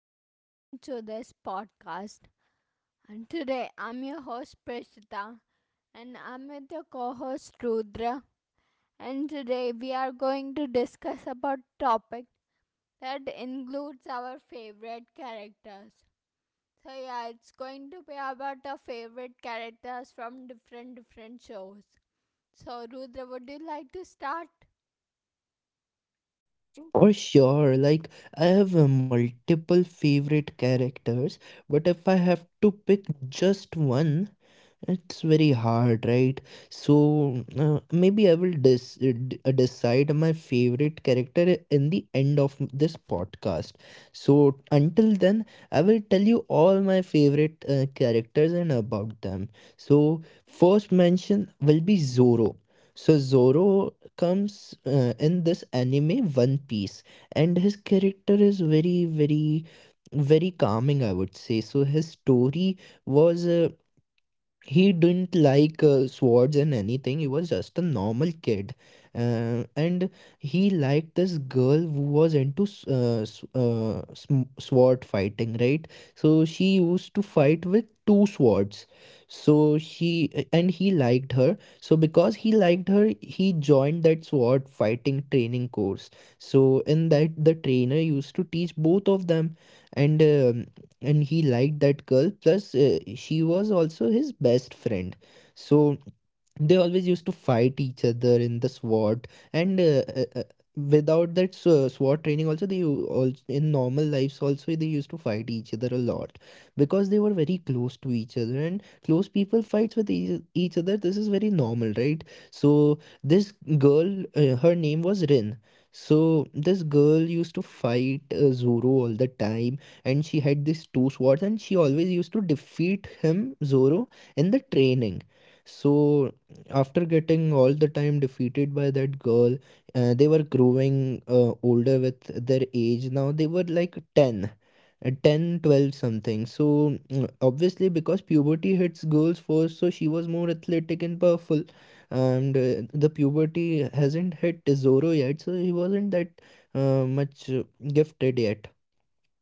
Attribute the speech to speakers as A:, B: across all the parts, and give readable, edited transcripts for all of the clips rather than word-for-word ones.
A: and welcome to this podcast. And today I'm your host Prishita, and I'm with your co-host Rudra. And today we are going to discuss about topic that includes our favorite characters. So yeah, it's going to be about our favorite characters from different shows. So Rudra, would you like to start?
B: For sure, like I have multiple favorite characters, but if I have to pick just one, it's very hard, right? So maybe I will decide my favorite character in the end of this podcast. So until then, I will tell you all my favorite characters and about them. So first mention will be Zoro. So Zoro comes in this anime One Piece, and his character is very, very, very calming, I would say. So his story was he didn't like swords and anything. He was just a normal kid and he liked this girl who was into sword fighting, right? So she used to fight with two swords. So she, and he liked her, so because he liked her, he joined that sword fighting training course. So in that, the trainer used to teach both of them, and um, and he liked that girl, plus she was also his best friend. So they always used to fight each other in the SWAT, and without that SWAT training also, they also in normal lives also they used to fight each other a lot, because they were very close to each other, and close people fights with each other. This is very normal, right? So this girl, her name was Rin. So this girl used to fight Zoro all the time, and she had these two swords, and she always used to defeat him Zoro in the training. So after getting all the time defeated by that girl, they were growing older with their age. Now they were like 10, 10, 12 something. So obviously, because puberty hits girls first, so she was more athletic and powerful. And the puberty hasn't hit Zoro yet, so he wasn't that much gifted yet.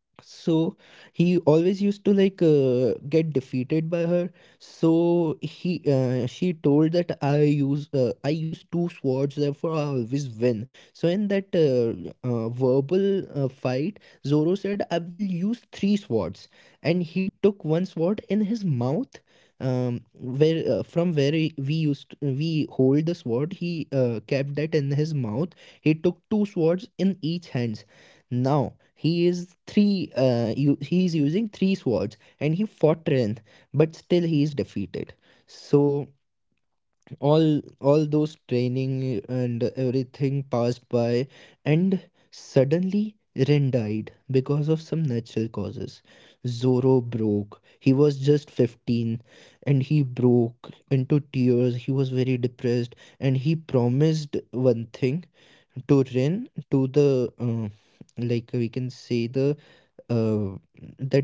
B: So he always used to like get defeated by her. So he she told that I use I use two swords, therefore I always win. So in that verbal fight, Zoro said, I will use three swords. And he took one sword in his mouth. Where from where we used, we hold the sword, he kept that in his mouth. He took two swords in each hand. Now he is three. He is using three swords, and he fought Ren, but still he is defeated. So all those training and everything passed by, and suddenly Ren died because of some natural causes. Zoro broke. He was just 15, and he broke into tears. He was very depressed, and he promised one thing to Rin, to the like we can say the uh,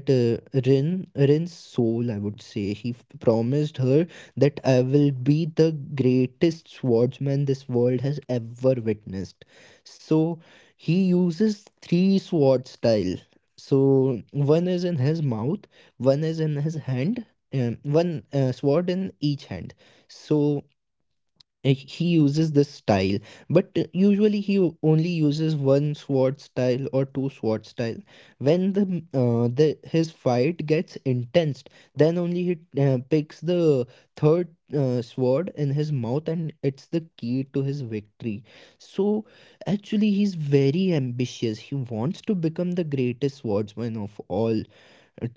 B: that Rin's soul, I would say, he promised her that I will be the greatest swordsman this world has ever witnessed. So he uses three sword style. So one is in his mouth, one is in his hand, one sword in each hand. So he uses this style, but usually he only uses one sword style or two sword style. When the his fight gets intense, then only he picks the third sword in his mouth, and it's the key to his victory. So actually he's very ambitious. He wants to become the greatest swordsman of all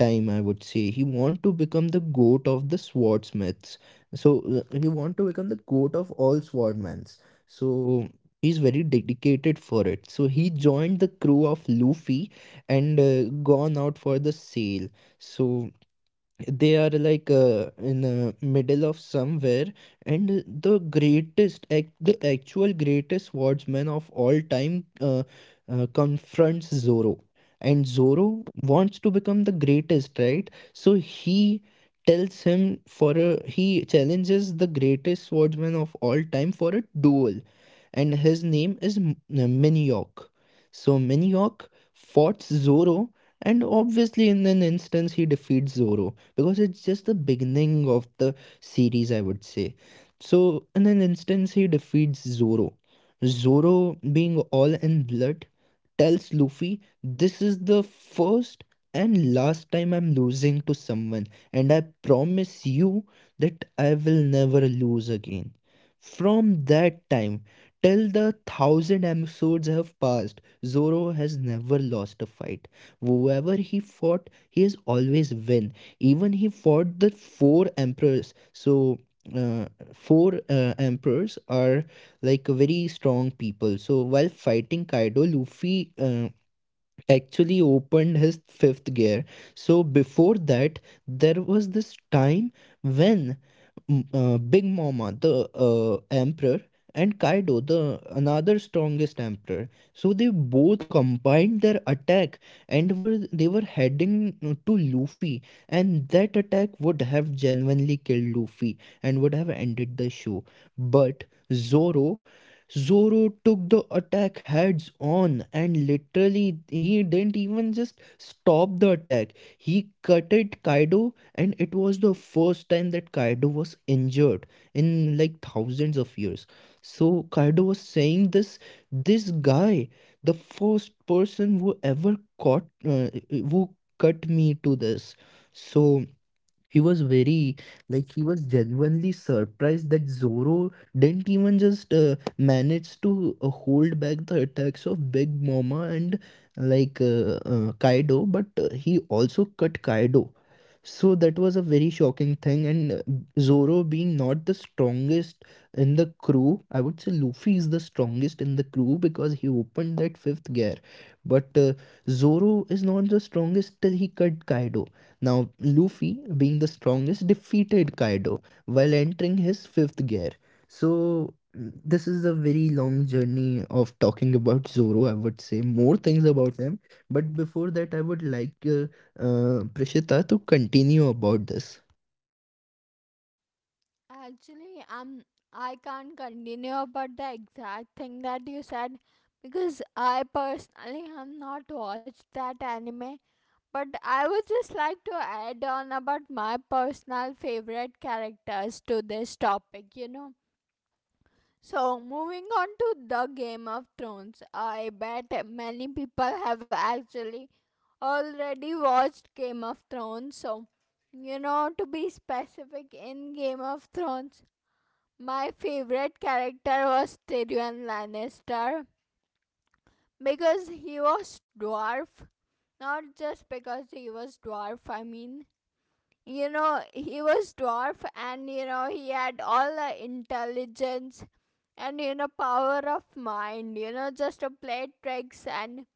B: time. I would say he want to become the goat of the swordsmiths. So he want to become the goat of all swordmans. So he's very dedicated for it. So he joined the crew of Luffy, and gone out for the sail. So they are like in the middle of somewhere, and the greatest the actual greatest swordsman of all time confronts Zoro. And Zoro wants to become the greatest, right? So he tells him for a, he challenges the greatest swordsman of all time for a duel. And his name is Miniok. So Miniok fought Zoro, and obviously, in an instance, he defeats Zoro because it's just the beginning of the series, I would say. So, in an instance, he defeats Zoro. Zoro, being all in blood, tells Luffy, this is the first and last time I'm losing to someone, and I promise you that I will never lose again. From that time, till the 1,000 episodes have passed, Zoro has never lost a fight. Whoever he fought, he has always win. Even he fought the four emperors. So uh, four emperors are like a very strong people. So while fighting Kaido, Luffy actually opened his fifth gear. So before that, there was this time when Big Mama, the emperor, and Kaido, the another strongest emperor, so they both combined their attack, and were they were heading to Luffy, and that attack would have genuinely killed Luffy and would have ended the show. But Zoro Zoro took the attack heads on, and literally he didn't even just stop the attack. He cutted Kaido, and it was the first time that Kaido was injured in like thousands of years. So Kaido was saying, this guy, the first person who ever caught who cut me to this. So he was very, like he was genuinely surprised that Zoro didn't even just manage to hold back the attacks of Big Mama and like Kaido, but he also cut Kaido. So that was a very shocking thing, and Zoro being not the strongest in the crew, I would say Luffy is the strongest in the crew because he opened that fifth gear, but Zoro is not the strongest till he cut Kaido. Now, Luffy, being the strongest, defeated Kaido while entering his fifth gear. So, this is a very long journey of talking about Zoro. I would say more things about him, but before that, I would like Prishita to continue about this.
A: Actually, I can't continue about the exact thing that you said because I personally have not watched that anime. But I would just like to add on about my personal favorite characters to this topic, you know. So, moving on to the Game of Thrones, I bet many people have actually already watched Game of Thrones. So, you know, to be specific, in Game of Thrones, my favorite character was Tyrion Lannister because he was dwarf. Not just because he was dwarf, I mean, you know, he was dwarf and you know, he had all the intelligence and you know, power of mind, you know, just to play tricks, and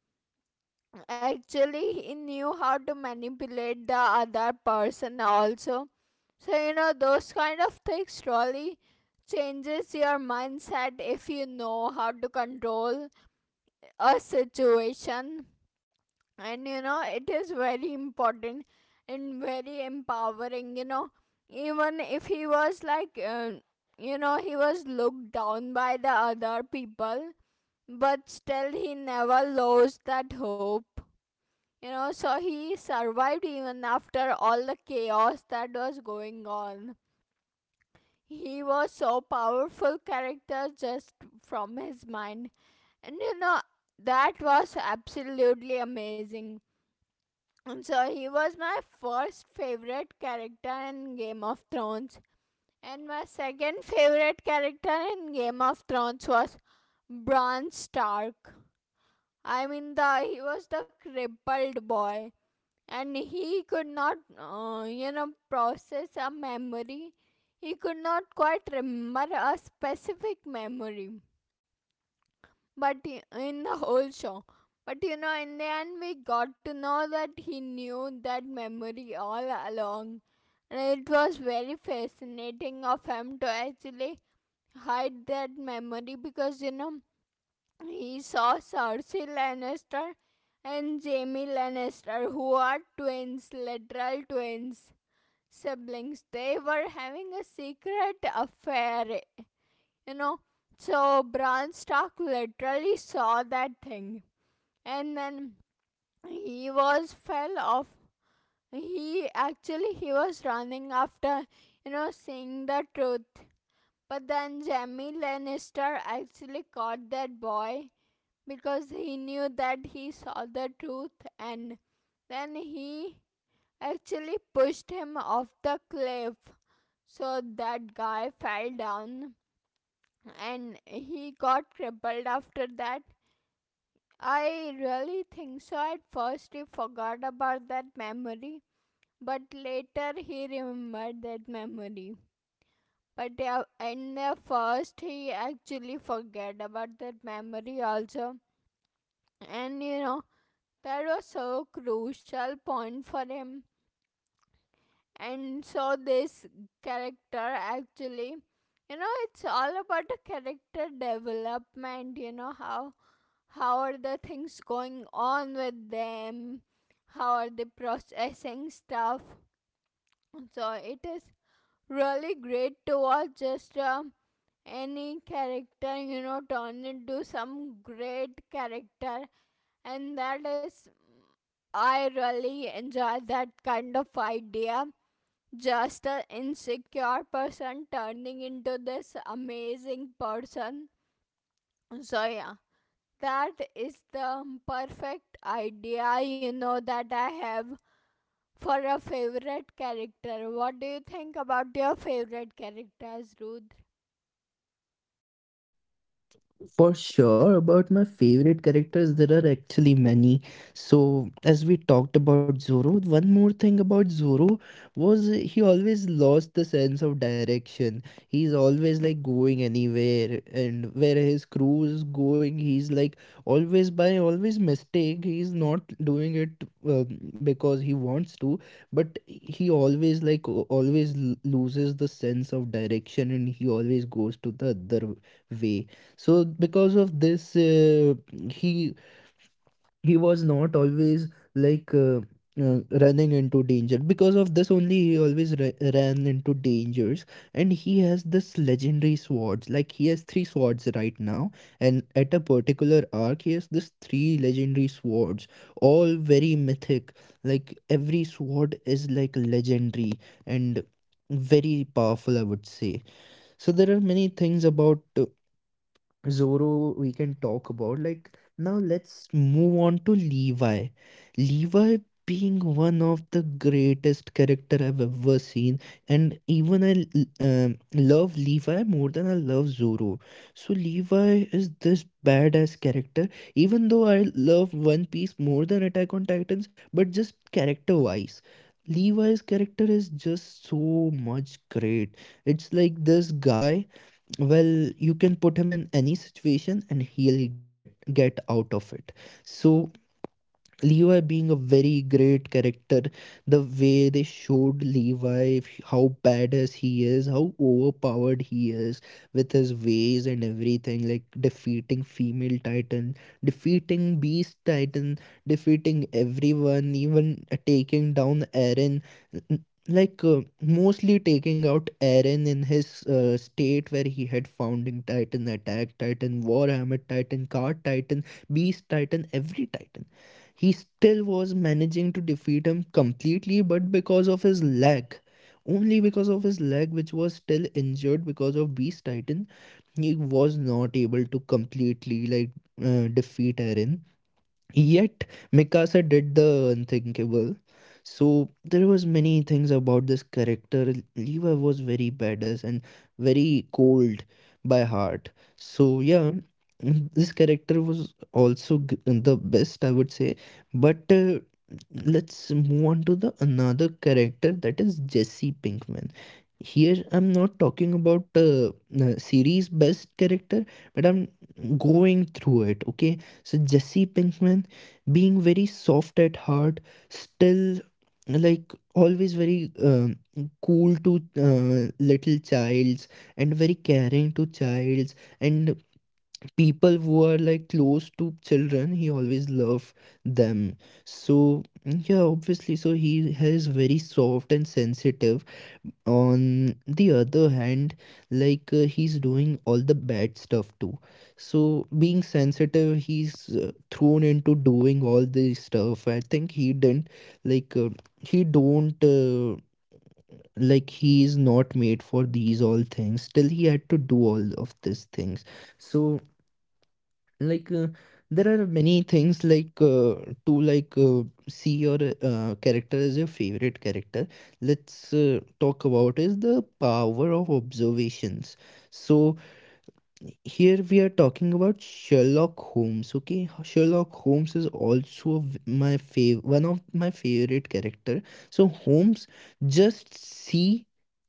A: actually he knew how to manipulate the other person also. So you know, those kind of things really changes your mindset if you know how to control a situation. And you know, it is very important and very empowering, you know. Even if he was like you know, he was looked down by the other people, but still he never lost that hope, you know. So he survived even after all the chaos that was going on. He was so powerful character just from his mind. And you know, that was absolutely amazing. And so he was my first favorite character in Game of Thrones. And my second favorite character in Game of Thrones was Bran Stark. I mean, the he was the crippled boy. And he could not you know, process a memory. He could not quite remember a specific memory, but i- in the whole show, but you know, in the end, we got to know that he knew that memory all along. And it was very fascinating of him to actually hide that memory, because you know, he saw Cersei Lannister and Jaime Lannister, who are twins, literal twins, siblings. They were having a secret affair, you know. So Bran Stark literally saw that thing, and then he was fell off. He actually, he was running after, you know, seeing the truth. But then Jaime Lannister actually caught that boy, because he knew that he saw the truth, and then he actually pushed him off the cliff. So that guy fell down and he got crippled after that. I really think so. At first, he forgot about that memory, but later he remembered that memory. But yeah, in the first, he actually forget about that memory also. And you know, that was so crucial point for him. And so this character actually, you know, it's all about the character development. You know, how are the things going on with them, how are they processing stuff. So it is really great to watch just any character, you know, turn into some great character. And that is, I really enjoy that kind of idea. Just an insecure person turning into this amazing person. So, yeah, that is the perfect idea, you know, that I have for a favorite character. What do you think about your favorite characters, Rudra?
B: For sure, about my favorite characters, there are actually many. So, as we talked about Zoro, one more thing about Zoro was he always lost the sense of direction. He's always like going anywhere, and where his crew is going, he's like always by always mistake. He's not doing it because he wants to, but he always like always loses the sense of direction, and he always goes to the other way. So because of this he he was not always like running into danger. Because of this only, he always ran into dangers. And he has this legendary swords. Like he has three swords right now, and at a particular arc he has this three legendary swords, all very mythic, like every sword is like legendary and very powerful, I would say. So there are many things about Zoro we can talk about. Like, now let's move on to Levi. Levi being one of the greatest character I've ever seen, and even I love Levi more than I love Zoro. So Levi is this badass character, even though I love One Piece more than Attack on Titans, but just character wise, Levi's character is just so much great. It's like this guy, well, you can put him in any situation and he'll get out of it. So Levi being a very great character, the way they showed Levi, how badass he is, how overpowered he is with his ways and everything, like defeating female Titan, defeating Beast Titan, defeating everyone, even taking down Eren. n- Like mostly taking out Eren in his state where he had Founding Titan, Attack Titan, Warhammer Titan, Card Titan, Beast Titan, every Titan. He still was managing to defeat him completely, but because of his leg, only because of his leg, which was still injured because of Beast Titan, he was not able to completely like defeat Eren. Yet Mikasa did the unthinkable. So there was many things about this character. Levi was very badass and very cold by heart. So yeah, this character was also the best, I would say. But let's move on to the another character, that is Jesse Pinkman. Here I'm not talking about series best character, but I'm going through it. Okay, so Jesse Pinkman being very soft at heart, still like always very cool to little childs and very caring to childs and people who are like close to children, he always love them. So yeah, obviously, so he is very soft and sensitive. On the other hand, he's doing all the bad stuff too. So being sensitive, he's thrown into doing all this stuff. I think he didn't like uh, he don't like he is not made for these all things, still he had to do all of these things. So like uh, there are many things to see your character as your favorite character. Let's talk about is the power of observations. So here we are talking about Sherlock Holmes. Okay, Sherlock Holmes is also one of my favorite character. So Holmes just see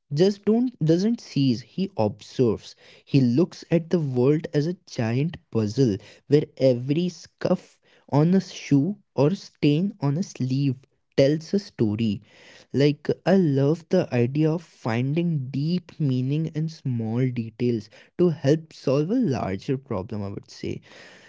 B: just don't doesn't sees, he observes. He looks at the world as a giant puzzle where every scuff on a shoe or stain on a sleeve tells a story. Like, I love the idea of finding deep meaning in small details to help solve a larger problem, I would say.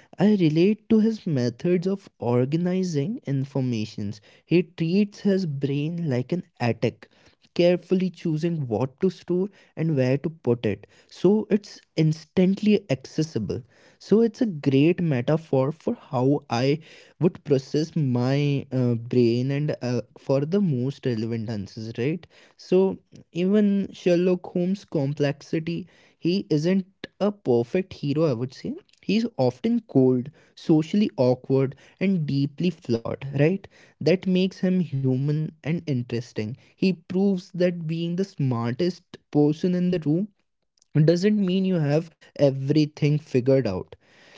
B: I relate to his methods of organizing informations. He treats his brain like an attic, carefully choosing what to store and where to put it, so it's instantly accessible. So it's a great metaphor for how I would process my brain and for the most relevant answers, right? So even Sherlock Holmes' complexity, he isn't a perfect hero, I would say. He's often cold, socially awkward, and deeply flawed, right? That makes him human and interesting. He proves that being the smartest person in the room doesn't mean you have everything figured out.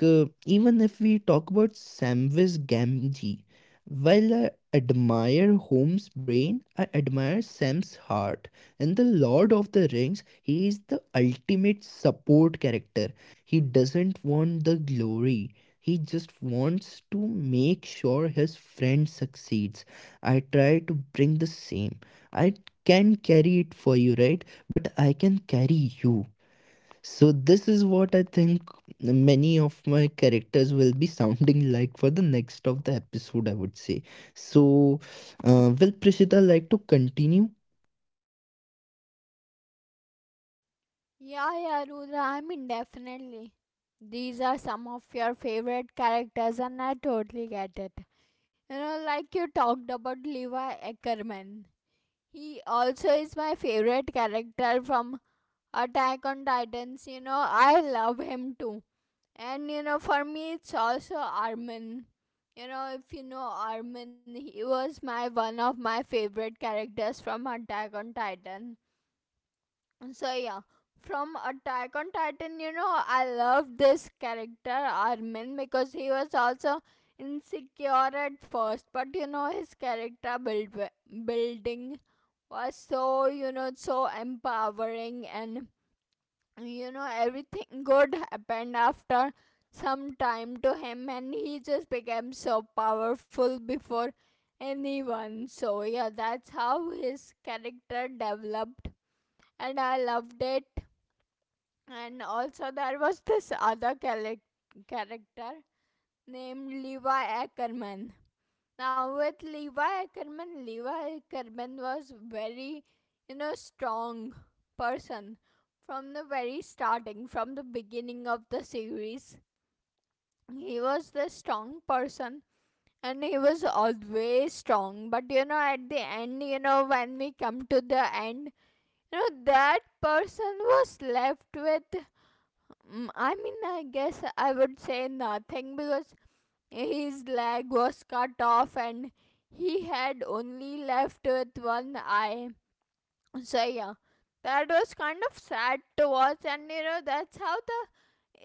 B: Like, even if we talk about Samvis Gamgee, while I admire Holmes' brain, I admire Sam's heart. In The Lord of the Rings, he is the ultimate support character. He doesn't want the glory. He just wants to make sure his friend succeeds. I try to bring the same. I can carry it for you, right? But I can carry you. So this is what I think many of my characters will be sounding like for the next of the episode, I would say. So, will Prishita like to continue?
A: Yeah, yeah, Rudra, I mean, definitely. These are some of your favorite characters, and I totally get it. You know, like you talked about Levi Ackerman. He also is my favorite character from Attack on Titans. You know, I love him too. And you know, for me, it's also Armin. You know, if you know Armin, he was my one of my favorite characters from Attack on Titan. So yeah, from Attack on Titan, you know, I love this character Armin because he was also insecure at first, but you know, his character building was so, you know, so empowering. And you know, everything good happened after some time to him, and he just became so powerful before anyone. So yeah, that's how his character developed, and I loved it. And also, there was this other character named Levi Ackerman. Now with Levi Ackerman, Levi Ackerman was very, you know, strong person from the very starting, from the beginning of the series. He was the strong person and he was always strong. But you know, at the end, you know, when we come to the end, you know, that person was left with I mean, I guess I would say nothing, because his leg was cut off and he had only left with one eye. So, yeah, that was kind of sad to watch. And you know, that's how the,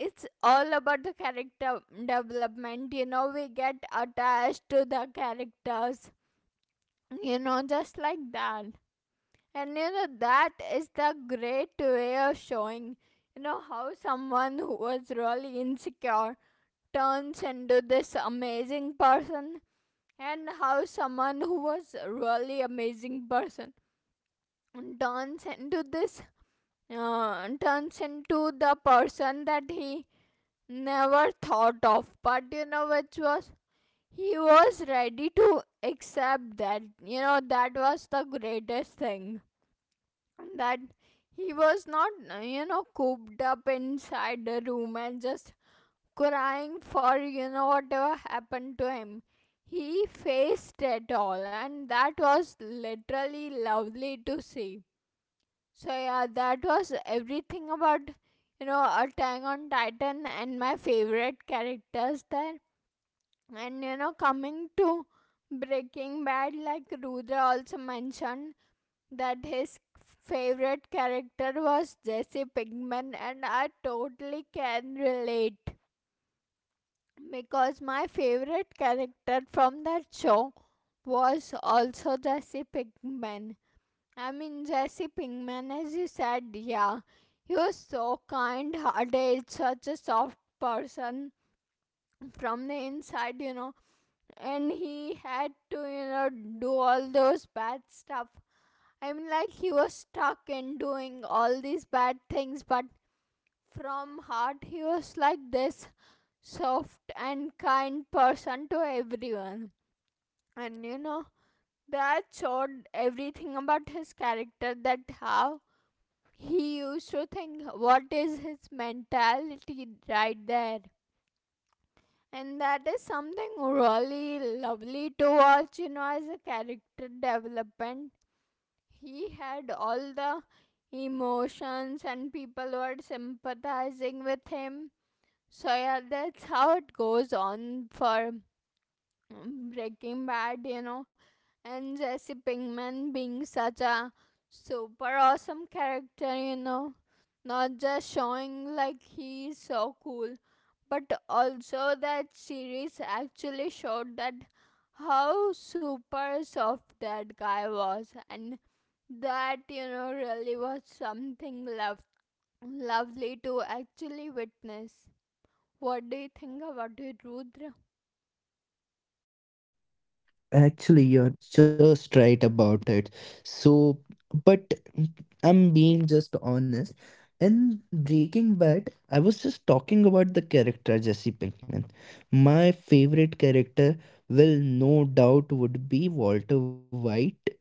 A: it's all about the character development. You know, we get attached to the characters, you know, just like that. And you know, that is the great way of showing, you know, how someone who was really insecure turns into this amazing person, and how someone who was really amazing person turns into this turns into the person that he never thought of, but you know, which was, he was ready to accept that. You know, that was the greatest thing, that he was not, you know, cooped up inside the room and just crying for, you know, whatever happened to him. He faced it all, and that was literally lovely to see. So, yeah, that was everything about, you know, Attack on Titan and my favorite characters there. And, you know, coming to Breaking Bad, like Rudra also mentioned, that his favorite character was Jesse Pinkman, and I totally can relate because my favorite character from that show was also Jesse Pinkman. I mean, Jesse Pinkman, as you said, yeah, he was so kind hearted, such a soft person from the inside, you know, and he had to, you know, do all those bad stuff. I mean, like he was stuck in doing all these bad things, but from heart, he was like this soft and kind person to everyone. And you know, that showed everything about his character, that how he used to think, what is his mentality right there. And that is something really lovely to watch, you know. As a character development, he had all the emotions and people were sympathizing with him. So yeah, that's how it goes on for Breaking Bad, you know. And Jesse Pinkman being such a super awesome character, you know, not just showing like he's so cool, but also that series actually showed that how super soft that guy was. And that, you know, really was something lovely to actually witness. What do you think about it, Rudra?
B: Actually, you're just right about it. So, but I'm being just honest. In Breaking Bad, I was just talking about the character Jesse Pinkman. My favorite character will no doubt would be Walter White.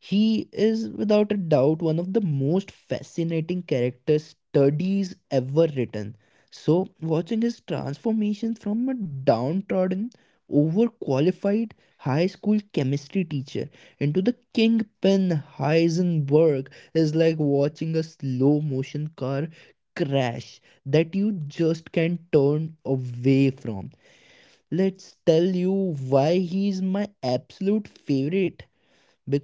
B: He is without a doubt one of the most fascinating character studies ever written. So, watching his transformation from a downtrodden, overqualified high school chemistry teacher into the kingpin Heisenberg is like watching a slow motion car crash that you just can't turn away from. Let's tell you why he is my absolute favorite,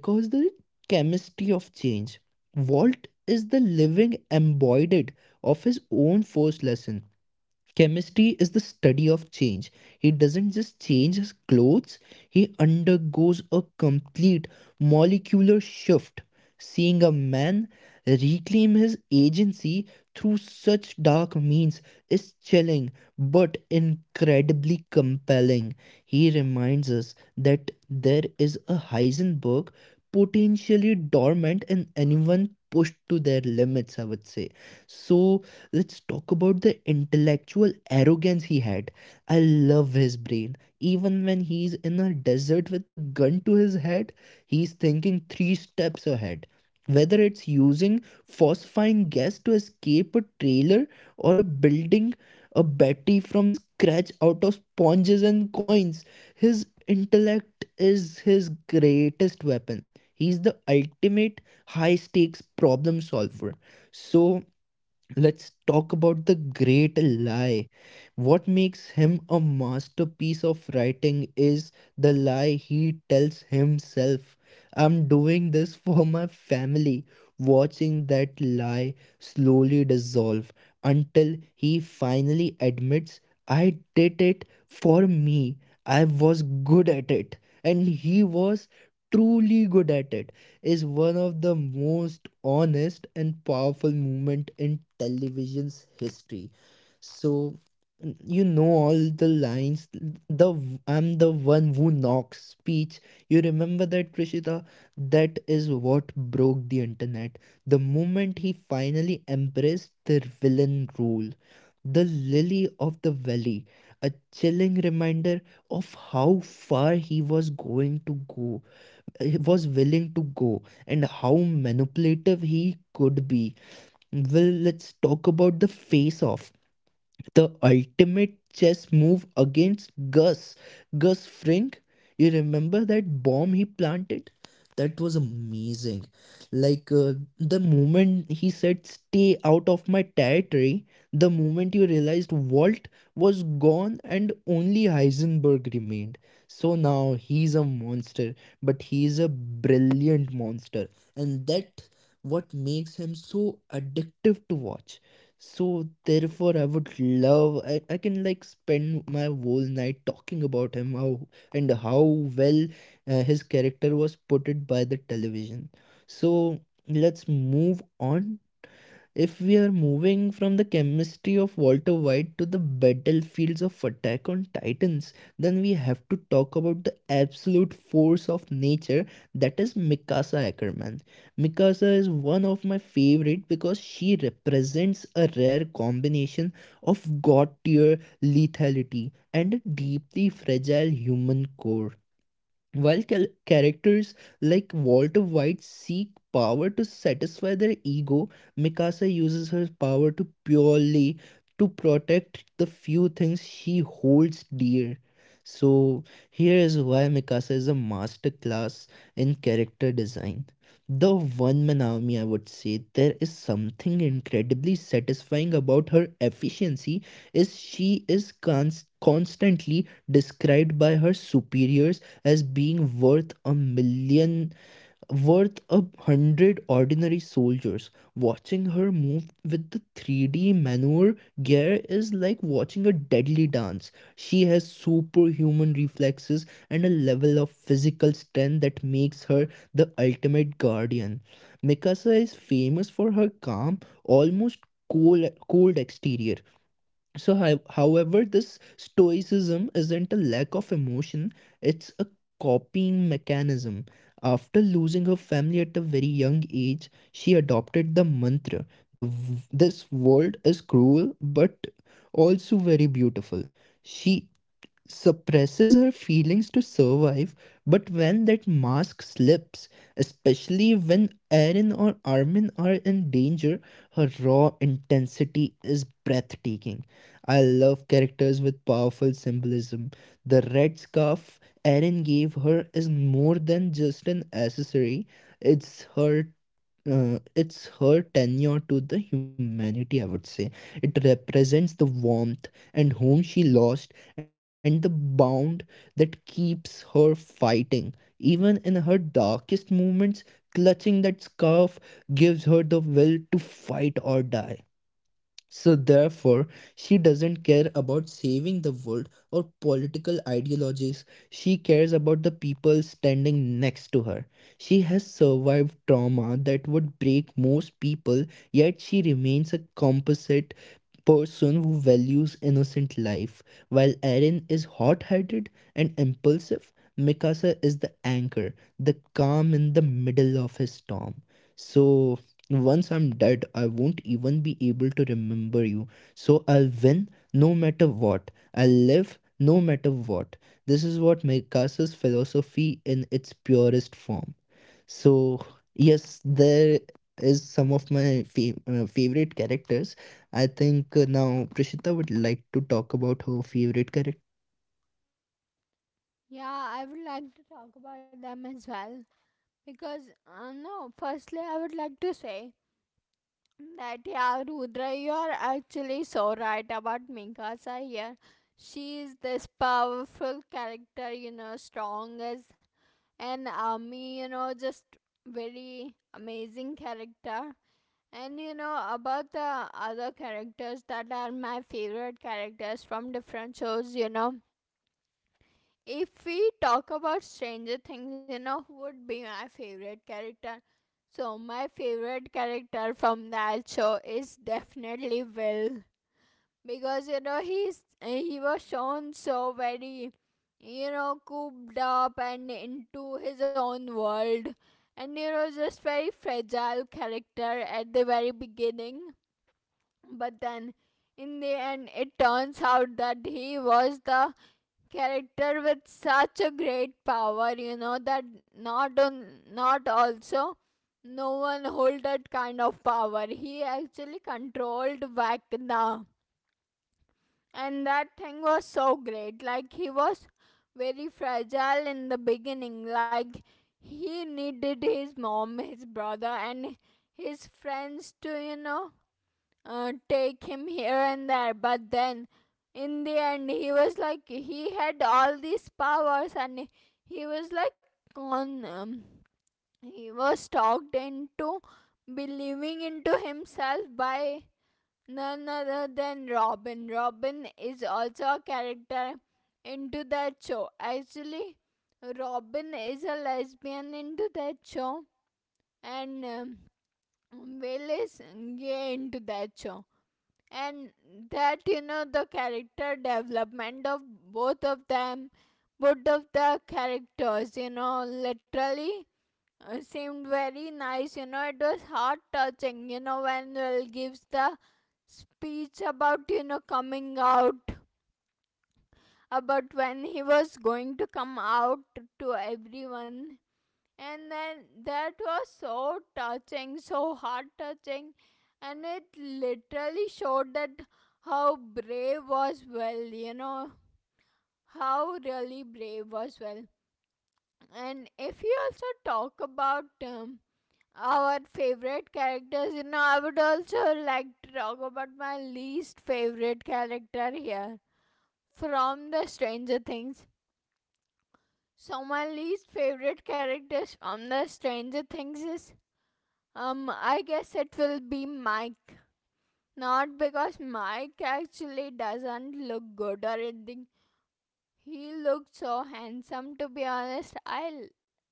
B: because the chemistry of change. Walt is the living embodied of his own first lesson. Chemistry is the study of change. He doesn't just change his clothes, he undergoes a complete molecular shift. Seeing a man reclaim his agency through such dark means is chilling but incredibly compelling. He reminds us that there is a Heisenberg potentially dormant in anyone pushed to their limits, I would say. So, let's talk about the intellectual arrogance he had. I love his brain. Even when he's in a desert with a gun to his head, he's thinking three steps ahead. Whether it's using phosphine gas to escape a trailer or a building a battery from scratch out of sponges and coins, his intellect is his greatest weapon. He's the ultimate high stakes problem solver. So let's talk about the great lie. What makes him a masterpiece of writing is the lie he tells himself. I'm doing this for my family. Watching that lie slowly dissolve until he finally admits, I did it for me. I was good at it. And he was truly good at it is one of the most honest and powerful moment in television's history. So you know all the lines. The I'm the one who knocks speech. You remember that, Prishita? That is what broke the internet. The moment he finally embraced the villain role. The lily of the valley, a chilling reminder of how far he was going to go, was willing to go, and how manipulative he could be. Well, let's talk about the face off, the ultimate chess move against Gus. Gus Fring, you remember that bomb he planted? That was amazing. The moment he said, Stay out of my territory, the moment you realized Walt was gone and only Heisenberg remained. So now he's a monster, but he's a brilliant monster. And that what makes him so addictive to watch. So therefore, I would love. I can like spend my whole night talking about him, how and how well his character was put it by the television. So let's move on. If we are moving from the chemistry of Walter White to the battlefields of Attack on Titans, then we have to talk about the absolute force of nature that is Mikasa Ackerman. Mikasa is one of my favorite because she represents a rare combination of god tier lethality and a deeply fragile human core. While characters like Walter White seek power to satisfy their ego, Mikasa uses her power to purely to protect the few things she holds dear. So here is why Mikasa is a masterclass in character design. The one man army, I would say, there is something incredibly satisfying about her efficiency, is she is constantly described by her superiors as being worth a million, worth a hundred ordinary soldiers. Watching her move with the 3D maneuver gear is like watching a deadly dance. She has superhuman reflexes and a level of physical strength that makes her the ultimate guardian. Mikasa is famous for her calm, almost cold exterior. So, however, this stoicism isn't a lack of emotion, it's a copying mechanism. After losing her family at a very young age, she adopted the mantra, this world is cruel but also very beautiful. She suppresses her feelings to survive, but when that mask slips, especially when Erin or Armin are in danger, her raw intensity is breathtaking. I love characters with powerful symbolism. The red scarf Erin gave her is more than just an accessory, it's her it's her tenure to the humanity, I would say. It represents the warmth and home she lost and the bound that keeps her fighting. Even in her darkest moments, clutching that scarf gives her the will to fight or die. So, therefore, she doesn't care about saving the world or political ideologies. She cares about the people standing next to her. She has survived trauma that would break most people, yet she remains a composite person who values innocent life. While Eren is hot headed and impulsive, Mikasa is the anchor, the calm in the middle of his storm. So once I'm dead, I won't even be able to remember you. So I'll win no matter what. I'll live no matter what. This is what Mikasa's philosophy in its purest form. So, yes, there is some of my favorite characters. I think now Prishita would like to talk about her favorite characters.
A: Yeah, I would like to talk about them as well. Because no, firstly I would like to say that yeah, Rudra, you are actually so right about Mikasa here. She is this powerful character, you know, strong as an army, you know, just very amazing character. And you know, about the other characters that are my favorite characters from different shows, you know. If we talk about Stranger Things, you know, who would be my favorite character? So my favorite character from that show is definitely Will, because you know, he was shown so very, you know, cooped up and into his own world. And you know, just very fragile character at the very beginning, but then in the end, it turns out that he was the character with such a great power, you know. That not on not also no one hold that kind of power. He actually controlled Vakna, and that thing was so great. Like he was very fragile in the beginning, like he needed his mom, his brother, and his friends to, you know, take him here and there. But then in the end, he was like, he had all these powers. And he was like, on he was talked into believing into himself by none other than Robin. Robin is also a character into that show. Actually, Robin is a lesbian into that show. And Will is gay into that show. And that, you know, the character development of both of them, both of the characters, you know, literally seemed very nice. You know, it was heart touching. You know, when Will gives the speech about, you know, coming out, about when he was going to come out to everyone. And then that was so touching, so heart touching. And it literally showed that how brave was Well, you know, how really brave was Well. And if you also talk about our favorite characters, you know, I would also like to talk about my least favorite character here from the Stranger Things. So my least favorite characters from the Stranger Things is, I guess it will be Mike. Not because Mike actually doesn't look good or anything. He looked so handsome, to be honest. I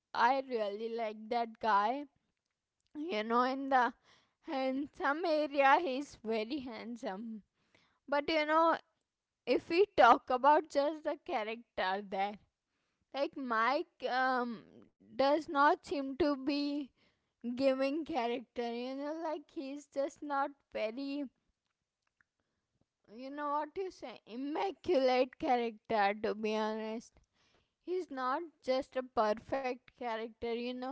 A: I really like that guy. You know, in the handsome area, he's very handsome. But you know, if we talk about just the character there, like Mike does not seem to be giving character, you know, like he's just not very, you know, what you say, immaculate character to be honest. He's not just a perfect character, you know.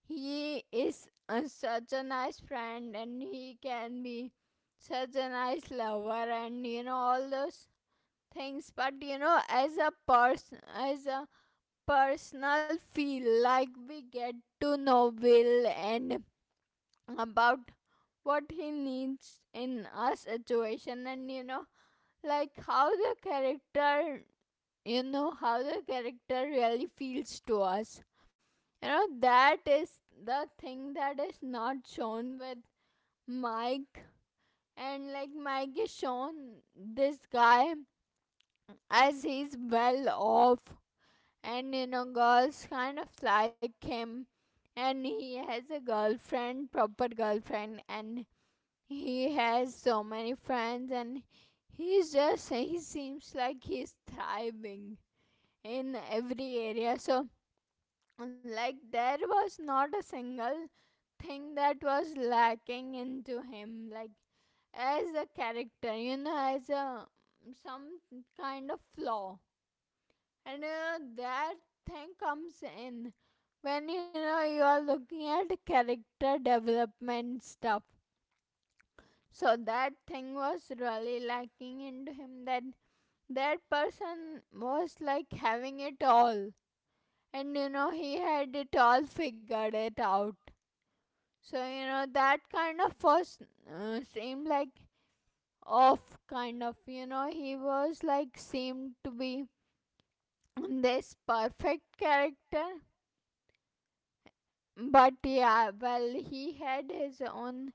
A: He is a, such a nice friend, and he can be such a nice lover, and you know, all those things. But you know, as a person, as a personal feel, like we get to know Will and about what he needs in a situation. And you know, like how the character, you know, how the character really feels to us, you know, that is the thing that is not shown with Mike. And like Mike is shown this guy as he's well off, and you know, girls kind of like him, and he has a girlfriend, proper girlfriend, and he has so many friends, and he's just, he seems like he's thriving in every area. So, like, there was not a single thing that was lacking into him, like, as a character, you know, as a some kind of flaw. And you know, that thing comes in when you know you are looking at character development stuff. So that thing was really lacking into him, that that person was like having it all, and you know, he had it all figured it out. So you know, that kind of was, seemed like off kind of, you know, he was like seemed to be this perfect character. But yeah, well, he had his own,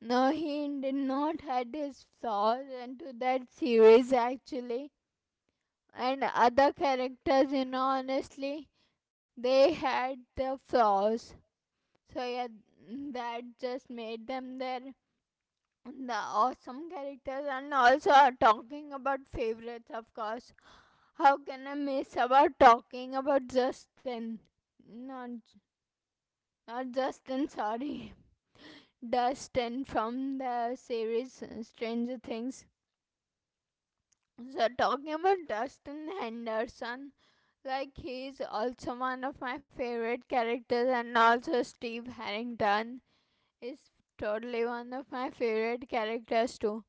A: no, he did not had his flaws into that series actually, and other characters, you know, honestly, they had the flaws. So yeah, that just made them their the awesome characters. And also, talking about favorites, of course, how can I miss about talking about Justin? Not not Justin, sorry. Dustin from the series, Stranger Things. So talking about Dustin Henderson, like he's also one of my favorite characters, and also Steve Harrington is totally one of my favorite characters too.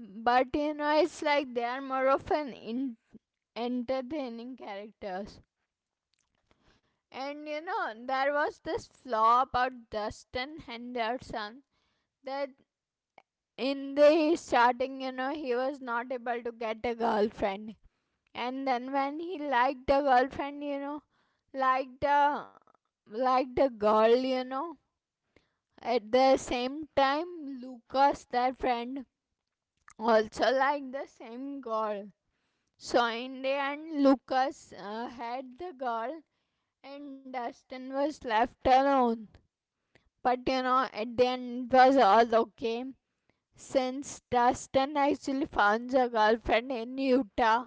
A: But you know, it's like they are more of an in- entertaining characters. And you know, there was this flaw about Dustin Henderson that in the starting, you know, he was not able to get a girlfriend. And then when he liked a girlfriend, you know, liked a liked a girl, you know. At the same time, Lucas, their friend, also like the same girl. So in the end, Lucas had the girl and Dustin was left alone. But you know, at the end, it was all okay since Dustin actually found a girlfriend in Utah.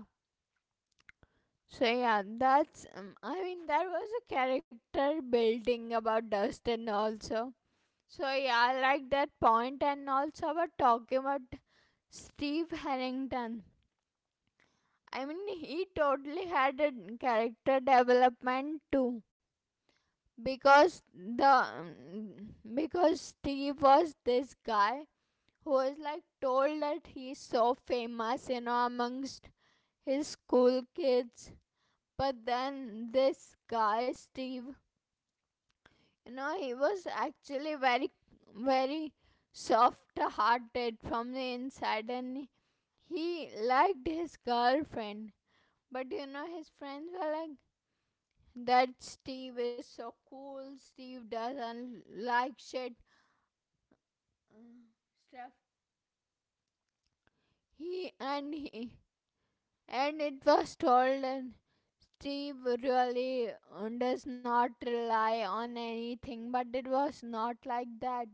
A: So yeah, that's I mean, there was a character building about Dustin also. So yeah, I like that point. And also about talking about Steve Harrington, I mean, he totally had a character development too, because the because Steve was this guy who was like told that he's so famous, you know, amongst his school kids. But then this guy Steve, you know, he was actually very soft-hearted from the inside, and he liked his girlfriend. But you know, his friends were like that Steve is so cool. Steve doesn't like shit, uh, stuff. He and it was told, and Steve really does not rely on anything, but it was not like that.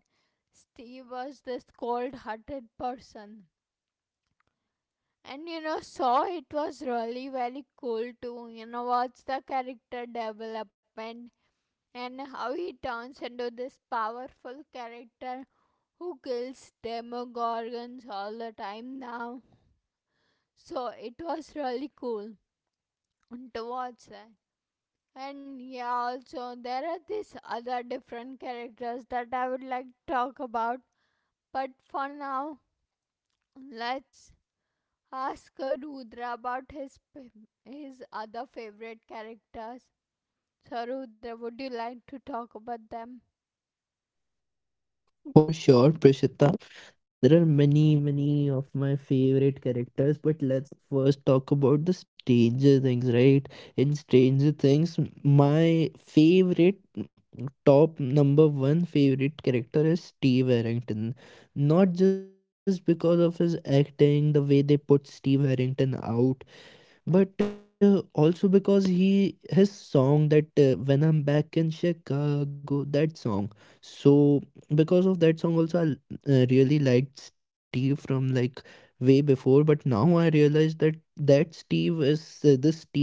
A: Steve was this cold-hearted person. And you know, so it was really very cool to, you know, watch the character development and how he turns into this powerful character who kills demogorgons all the time now. So it was really cool to watch that. And yeah, also there are these other different characters that I would like to talk about. But for now, let's ask Rudra about his other favorite characters. So Rudra, would you like to talk about them?
B: For sure, Prishita. There are many, many of my favorite characters, but let's first talk about the Stranger Things, right? In Stranger Things, my favorite, top number one favorite character is Steve Harrington. Not just because of his acting, the way they put Steve Harrington out, but also because he his song that when I'm back in Chicago, that song. So because of that song also I really liked Steve from like way before, but now I realize that that Steve is the Steve,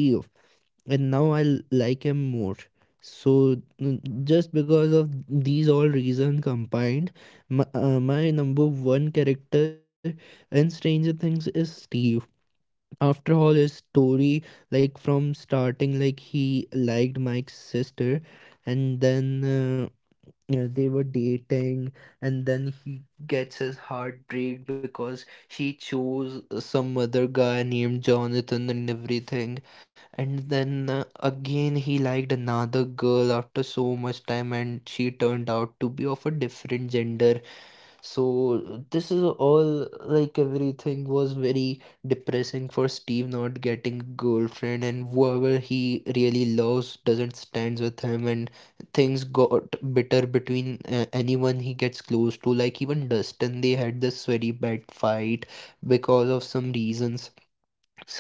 B: and now I like him more. So just because of these all reason combined, my, my number one character in Stranger Things is Steve. After all, his story, like from starting, like he liked Mike's sister, and then yeah, they were dating, and then he gets his heart break because she chose some other guy named Jonathan and everything. And then again, he liked another girl after so much time, and she turned out to be of a different gender. So this is all, like everything was very depressing for Steve, not getting girlfriend and whoever he really loves doesn't stands with him, and things got bitter between anyone he gets close to, like even Dustin, they had this very bad fight because of some reasons. So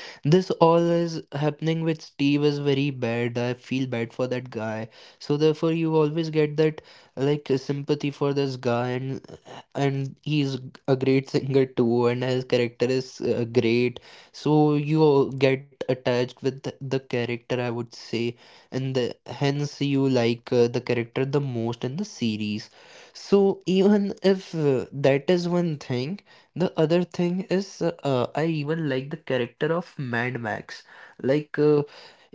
B: this all is happening with Steve is very bad. I feel bad for that guy. So therefore you always get that like sympathy for this guy, and he's a great singer too, and his character is great. So you all get attached with the character, I would say, and the, hence you like the character the most in the series. So even if that is one thing. The other thing is, I even like the character of Mad Max. Like,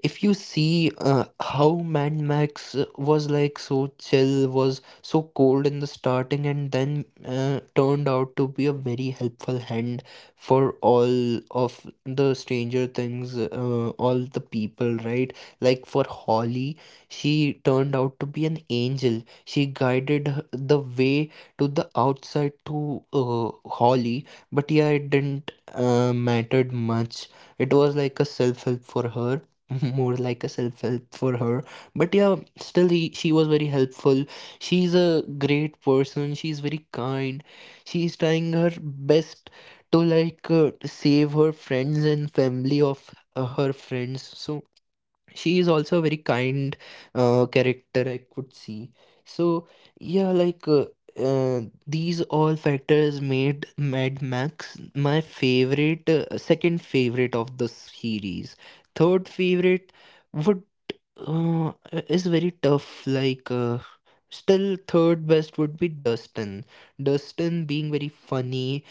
B: if you see how Mad Max was like so chill, was so cold in the starting, and then turned out to be a very helpful hand for all of the Stranger Things, all the people, right? Like for Holly, she turned out to be an angel. She guided the way to the outside to Holly, but yeah, it didn't mattered much. It was like a self help for her, more like a self help for her. But yeah, still she was very helpful. She's a great person. She's very kind. She's trying her best to save her friends and family of her friends. So she is also a very kind character I could see so yeah like uh, uh, these all factors made Mad Max my favorite second favorite of the series. Third favorite would is very tough. Still third best would be Dustin. Dustin being very funny,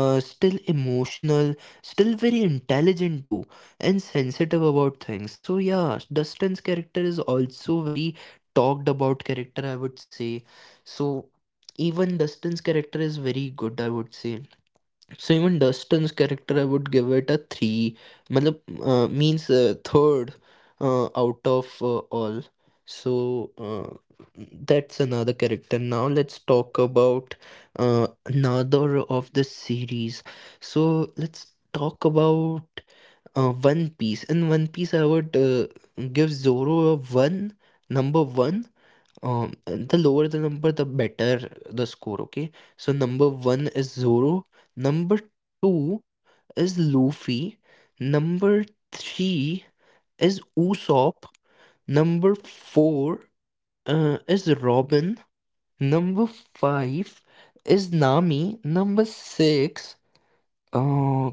B: still emotional, still very intelligent too, and sensitive about things. So yeah, Dustin's character is also very talked about character, I would say. So even Dustin's character is very good, I would say. So even Dustin's character, I would give it a three. Matlab, means third out of all. So that's another character. Now let's talk about another of the series. So let's talk about One Piece. In One Piece, I would give Zoro a one, number one. The lower the number, the better the score. Okay, so number one is Zoro, number two is Luffy, number three is Usopp, number four is Robin, number five is Nami, number six. Uh,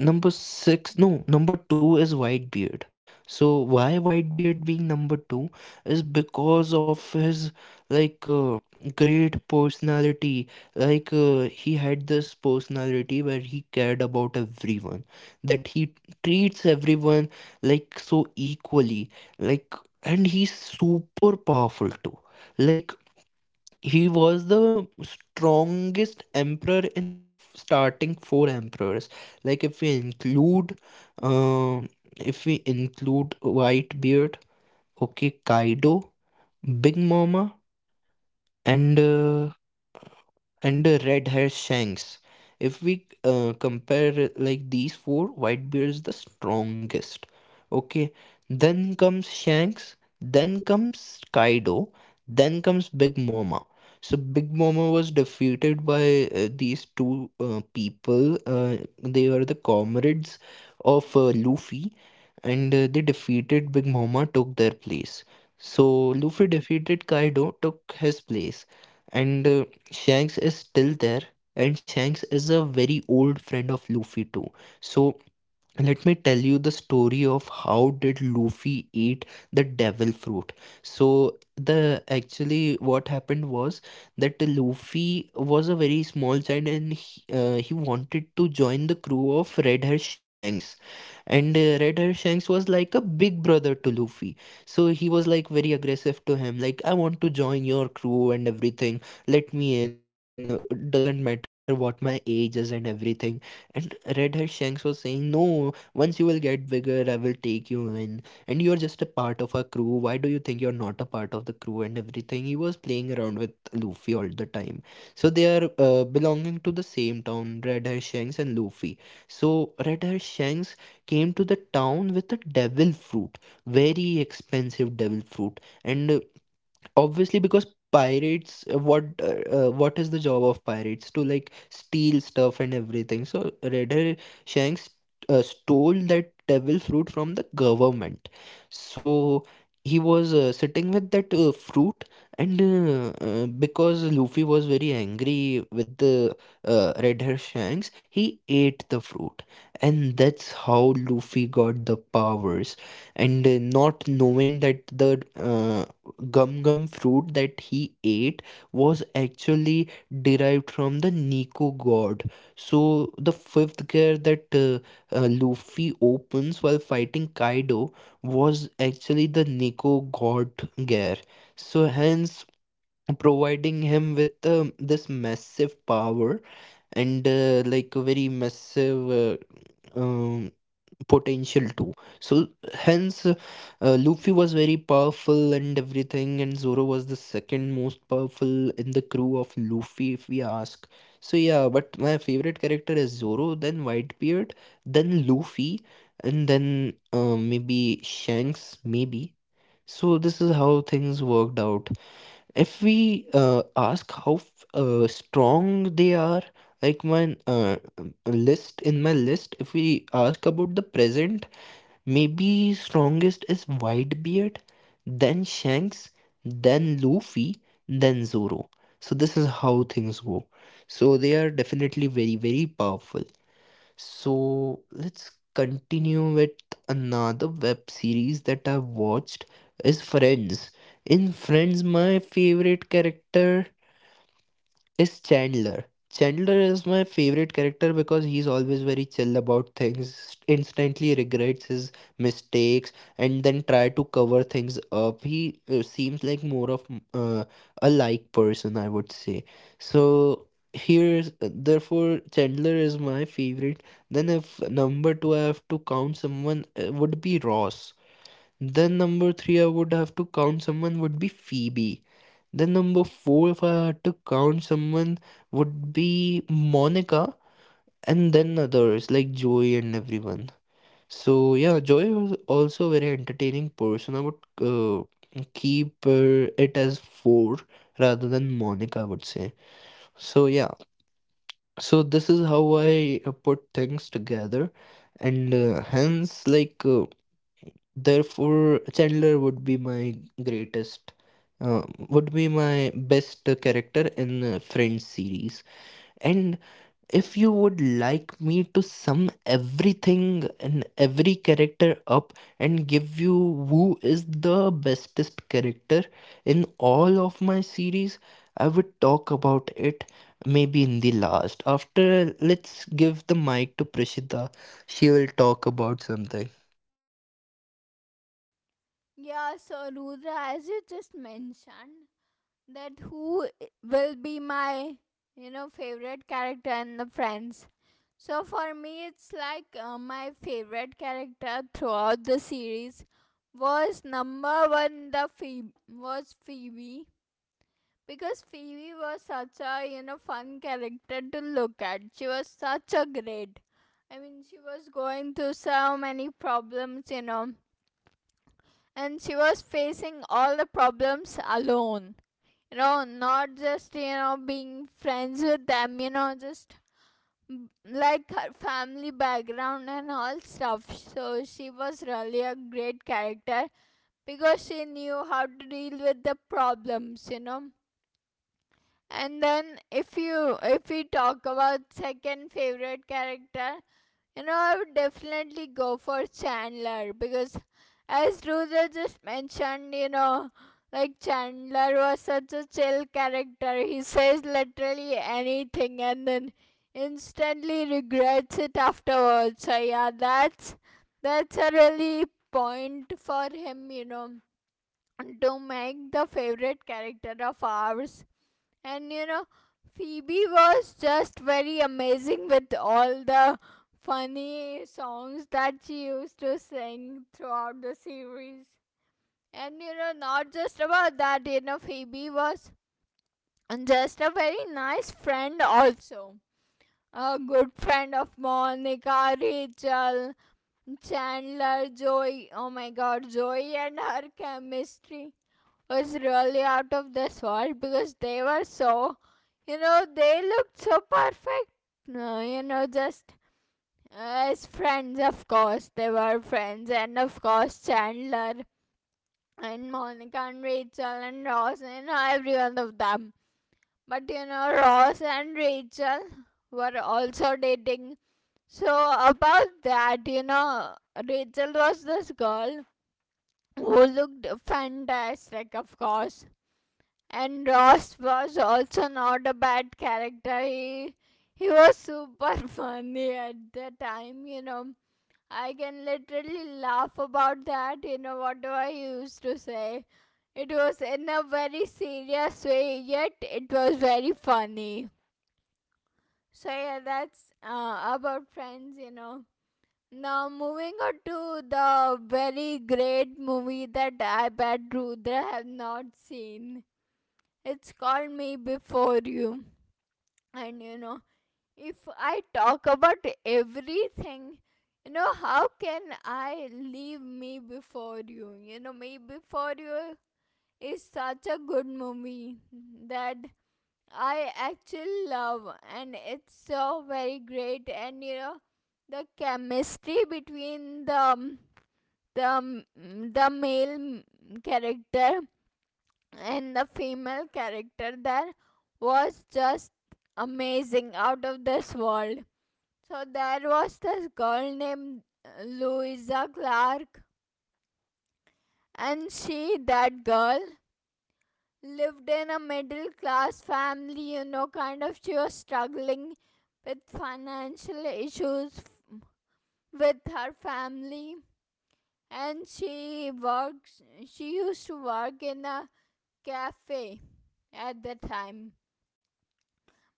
B: Number six, no, number two is Whitebeard. So why Whitebeard being number two is because of his like uh, great personality. He had this personality where he cared about everyone, that he treats everyone like so equally, like, and he's super powerful too. Like he was the strongest emperor in the starting four emperors. Like if we include, uh, Whitebeard, okay, Kaido, Big Mama, and uh, and the Red Hair Shanks, if we compare like these four, Whitebeard is the strongest. Okay, then comes Shanks, then comes Kaido, then comes Big Mama. So Big Mama was defeated by these two people. They are the comrades of Luffy, and they defeated Big Mama, took their place. So Luffy defeated Kaido, took his place, and Shanks is still there, and Shanks is a very old friend of Luffy too. So let me tell you the story of how did Luffy eat the devil fruit. So the actually what happened was that Luffy was a very small child and he wanted to join the crew of Red Hair Shanks, and Red Hair Shanks was like a big brother to Luffy. So he was like very aggressive to him, like, I want to join your crew and everything, let me in. Doesn't matter what my age is and everything. And Red Hair Shanks was saying, no, once you will get bigger, I will take you in. And you're just a part of our crew. Why do you think you're not a part of the crew and everything? He was playing around with Luffy all the time. So they are belonging to the same town, Red Hair Shanks and Luffy. So Red Hair Shanks came to the town with a devil fruit, very expensive devil fruit. And Obviously, because pirates what is the job of pirates, to like steal stuff and everything. So Red Hair Shanks stole that devil fruit from the government. So he was sitting with that fruit, and because Luffy was very angry with the Red Hair Shanks, he ate the fruit. And that's how Luffy got the powers. And Not knowing that the gum gum fruit that he ate was actually derived from the Nico god. So the fifth gear that Luffy opens while fighting Kaido was actually the Nico god gear. So hence providing him with this massive power and like a very massive potential too. So hence, Luffy was very powerful and everything, and Zoro was the second most powerful in the crew of Luffy, if we ask. So yeah, but my favorite character is Zoro, then Whitebeard, then Luffy, and then maybe Shanks, maybe. So this is how things worked out if we ask how strong they are. Like my list in my list, if we ask about the present, maybe strongest is Whitebeard, then Shanks, then Luffy, then Zoro. So this is how things go. So they are definitely very, very powerful. So let's continue with another web series that I've watched is Friends. In Friends, my favorite character is Chandler. Chandler is my favorite character because he's always very chill about things, instantly regrets his mistakes, and then try to cover things up. He seems like more of a like person, I would say. So here's therefore Chandler is my favorite. Then if number two I have to count someone, would be Ross. Then number three I would have to count someone would be Phoebe, then number four, if I had to count someone, would be Monica, and then others like Joey and everyone. So yeah, Joey was also a very entertaining person. I would keep it as four rather than Monica, I would say. So yeah, so this is how I put things together, and hence, therefore, Chandler would be my greatest, uh, would be my best character in the Friends series. And if you would like me to sum everything and every character up and give you who is the bestest character in all of my series, I would talk about it maybe in the last. After, let's give the mic to Prishita. She will talk about something.
A: Yeah, so Rudra, as you just mentioned, that who I- will be my, you know, favorite character in the Friends, so for me it's like, my favorite character throughout the series was number one, the Phoebe, was Phoebe, because Phoebe was such a, you know, fun character to look at. She was such a great, I mean, she was going through so many problems, you know, and she was facing all the problems alone, you know, not just, you know, being friends with them, you know, just mm, like her family background and all stuff. So she was really a great character because she knew how to deal with the problems, you know. And then if you if we talk about second favorite character, you know, I would definitely go for Chandler because, as Rudra just mentioned, you know, like Chandler was such a chill character. He says literally anything and then instantly regrets it afterwards. So yeah, that's a really point for him, you know, to make the favorite character of ours. And you know, Phoebe was just very amazing with all the funny songs that she used to sing throughout the series. And you know, not just about that, you know, Phoebe was just a very nice friend, also. A good friend of Monica, Rachel, Chandler, Joey. Oh my god, Joey and her chemistry was really out of this world, because they were so, you know, they looked so perfect. No, you know, just as friends, of course, they were friends, and of course, Chandler and Monica and Rachel and Ross, you know, every one of them. But you know, Ross and Rachel were also dating. So, about that, you know, Rachel was this girl who looked fantastic, of course. And Ross was also not a bad character. He was super funny at the time, you know. I can literally laugh about that, you know, whatever he used to say. It was in a very serious way, yet it was very funny. So yeah, that's about Friends, you know. Now moving on to the very great movie that I bet Rudra have not seen, it's called Me Before You. And you know, if I talk about everything, you know, how can I leave Me Before You? You know, Me Before You is such a good movie that I actually love, and it's so very great. And you know, the chemistry between the male character and the female character there was just amazing, out of this world. So there was this girl named Louisa Clark, and she, that girl, lived in a middle class family, you know, kind of. She was struggling with financial issues with her family, and she used to work in a cafe at the time.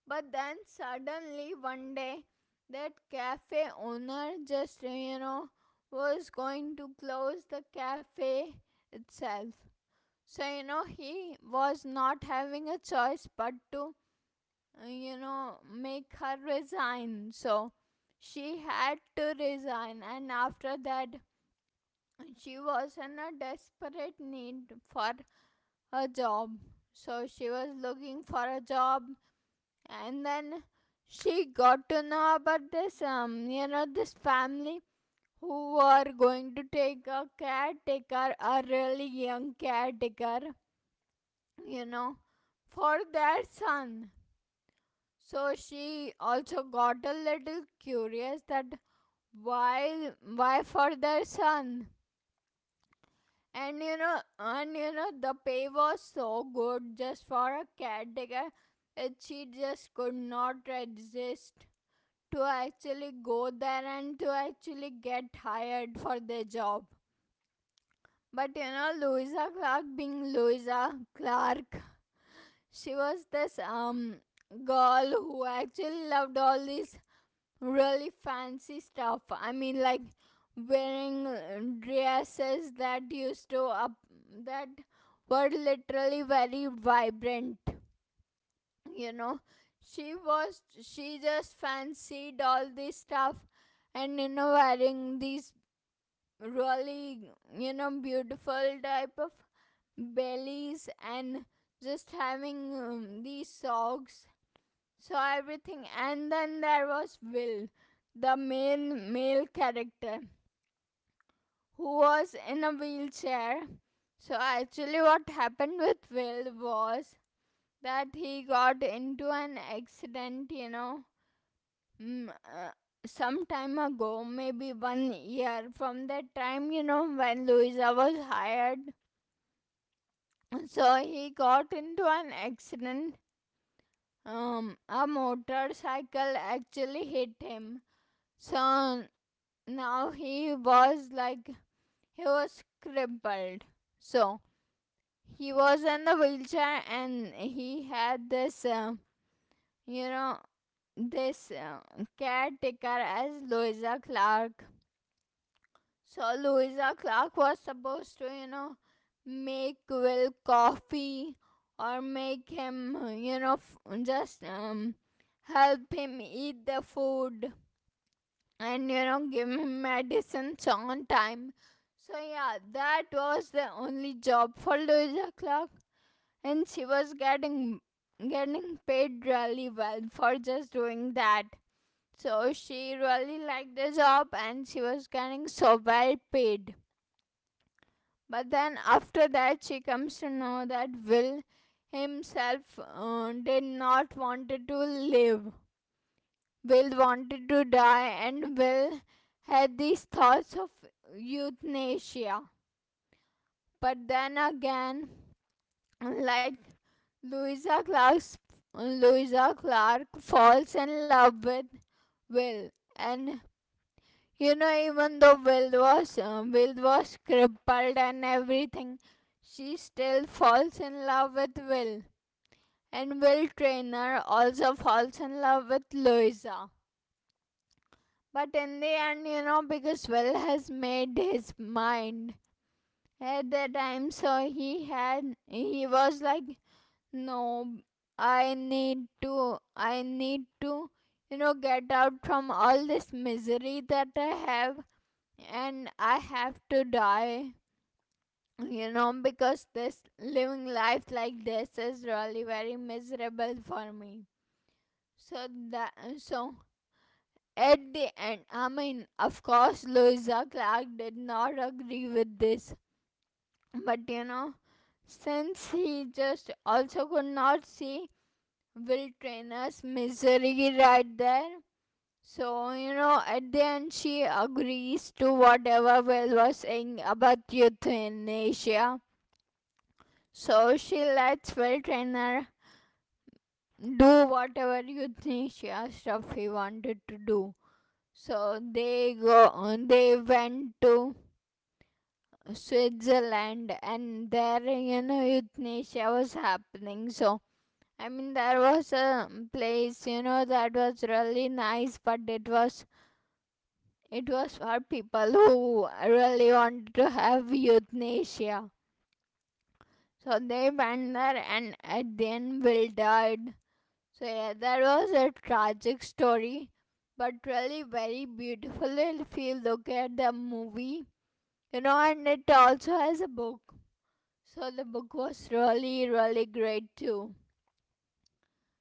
A: But then suddenly one day, that cafe owner just, you know, was going to close the cafe itself. So, you know, he was not having a choice but to, you know, make her resign. So, she had to resign, and after that, she was in a desperate need for a job. So, she was looking for a job, and then she got to know about this, you know, this family who are going to take a caretaker, a really young caretaker, you know, for their son. So she also got a little curious that why why for their son. And you know, and you know, the pay was so good just for a caretaker that she just could not resist to actually go there and to actually get hired for their job. But you know, Louisa Clark being Louisa Clark, she was this girl who actually loved all this really fancy stuff. I mean, like wearing dresses that used to up, that were literally very vibrant, you know. She just fancied all this stuff, and you know, wearing these really, you know, beautiful type of bellies, and just having these socks, so everything. And then there was Will, the main male character, who was in a wheelchair. So actually what happened with Will was that he got into an accident, you know, Mm, uh, some time ago, maybe 1 year from that time, you know, when Louisa was hired, so he got into an accident. A motorcycle actually hit him. So now he was like, he was crippled. So he was in the wheelchair, and he had this, you know, this caretaker as Louisa Clark. So Louisa Clark was supposed to, you know, make Will coffee or make him, you know, f- just help him eat the food, and you know, give him medicines on time. So yeah, that was the only job for Louisa Clark, and she was getting getting paid really well for just doing that. So she really liked the job, and she was getting so well paid. But then after that, she comes to know that Will himself did not wanted to live. Will wanted to die, and Will had these thoughts of euthanasia. But then again, like, Louisa Clark's Louisa Clark falls in love with Will, and you know, even though Will was crippled and everything, she still falls in love with Will. And Will Traynor also falls in love with Louisa. But in the end, you know, because Will has made his mind at the time, so he was like, no, I need to, you know, get out from all this misery that I have, and I have to die, you know, because this living life like this is really very miserable for me. So that so at the end, I mean, of course, Louisa Clark did not agree with this, but you know, since he just also could not see Will Trainer's misery right there. So, you know, at the end, she agrees to whatever Will was saying about euthanasia. So she lets Will Trainer do whatever euthanasia stuff he wanted to do. So, they went to Switzerland, and there, you know, euthanasia was happening. So, I mean, there was a place, you know, that was really nice, but it was for people who really wanted to have euthanasia. So they went there, and at the end Will died. So yeah, that was a tragic story, but really very beautiful if you look at the movie. You know, and it also has a book. So the book was really, really great too.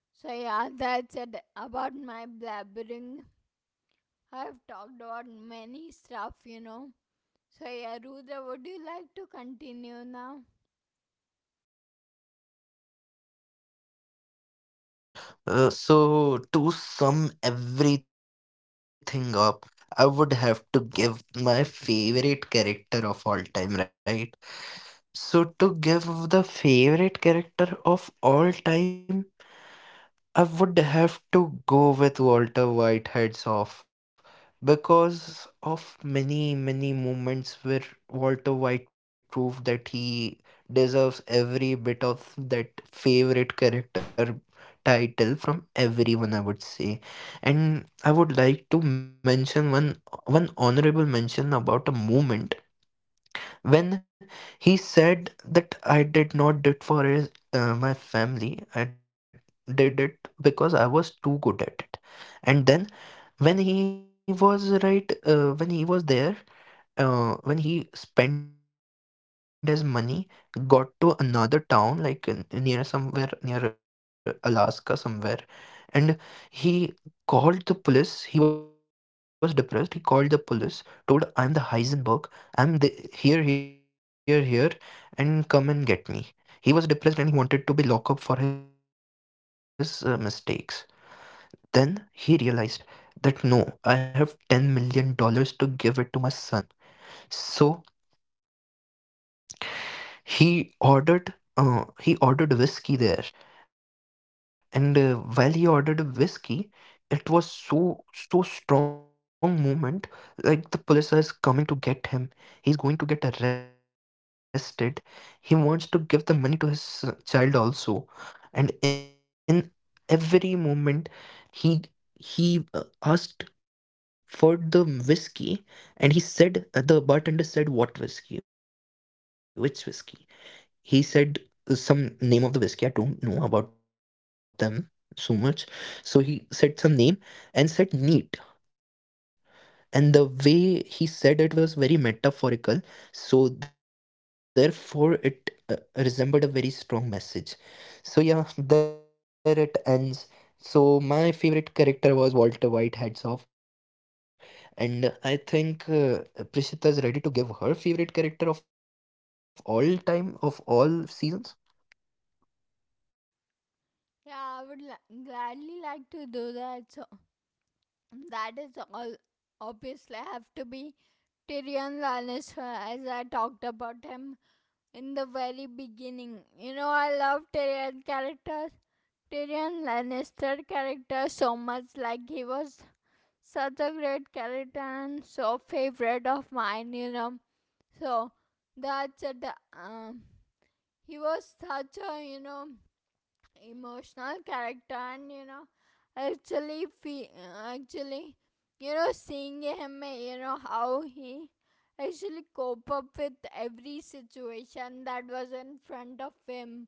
A: So yeah, that's it about my blabbering. I've talked about many stuff, you know. So, yeah, Rudra, would you like to continue now?
B: For sure. So, to sum everything up, I would have to give my favorite character of all time, right? So, to give the favorite character of all time, I would have to go with Walter White, heads off, because of many, many moments where Walter White proved that he deserves every bit of that favorite character title from everyone, I would say. And I would like to mention one honorable mention about a moment when he said that I did not did for my family, I did it because I was too good at it. And then when he was there, when he spent his money, got to another town like near somewhere near Alaska somewhere, and he called the police. He was depressed. He called the police, told, I am the Heisenberg. I'm the here, here, here, and come and get me. He was depressed and he wanted to be locked up for his mistakes. Then he realized that no, I have $10 million dollars to give it to my son. So he ordered uh, he ordered whiskey there. And While he ordered whiskey, it was so so strong moment, like the police is coming to get him, he's going to get arrested, he wants to give the money to his child also. And in every moment, he he asked for the whiskey, and he said, the bartender said, what whiskey, which whiskey? He said some name of the whiskey. I don't know about them so much. So he said some name and said neat, and the way he said it was very metaphorical, so therefore it resembled a very strong message. So yeah, there it ends. So my favorite character was Walter White, heads off. And I think Prishita is ready to give her favorite character of all time, of all seasons.
A: Yeah, gladly like to do that. So, that is all. Obviously, I have to be Tyrion Lannister, as I talked about him in the very beginning. You know, I love Tyrion Lannister character so much. Like, he was such a great character and so favorite of mine. You know, so that's it. Um, he was such a, you know, emotional character, and you know, actually fe- actually, you know, seeing him, you know, how he actually cope up with every situation that was in front of him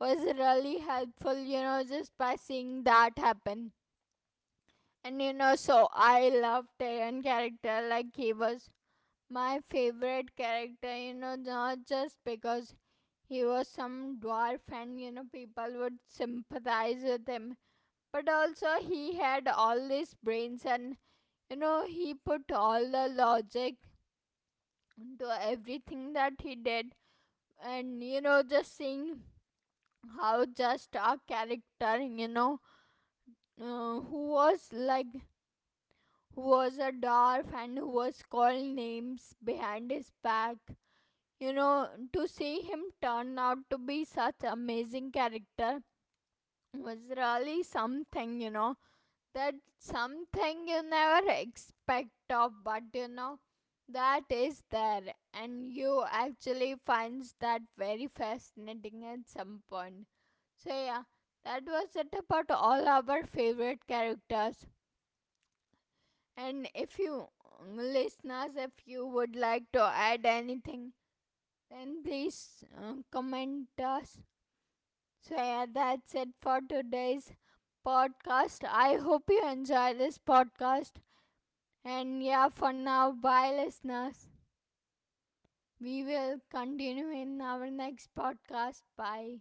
A: was really helpful, you know, just by seeing that happen. And you know, so I love Taran character. Like, he was my favorite character, you know, not just because he was some dwarf and, you know, people would sympathize with him, but also he had all these brains and, you know, he put all the logic into everything that he did. And, you know, just seeing how just our character, you know, who was like, who was a dwarf and who was called names behind his back. You know, to see him turn out to be such amazing character was really something, you know. That something you never expect of, but you know, that is there, and you actually finds that very fascinating at some point. So yeah, that was it about all our favorite characters. And if you listeners, if you would like to add anything, then please comment us. So yeah, that's it for today's podcast. I hope you enjoy this podcast. And yeah, for now, bye listeners. We will continue in our next podcast. Bye.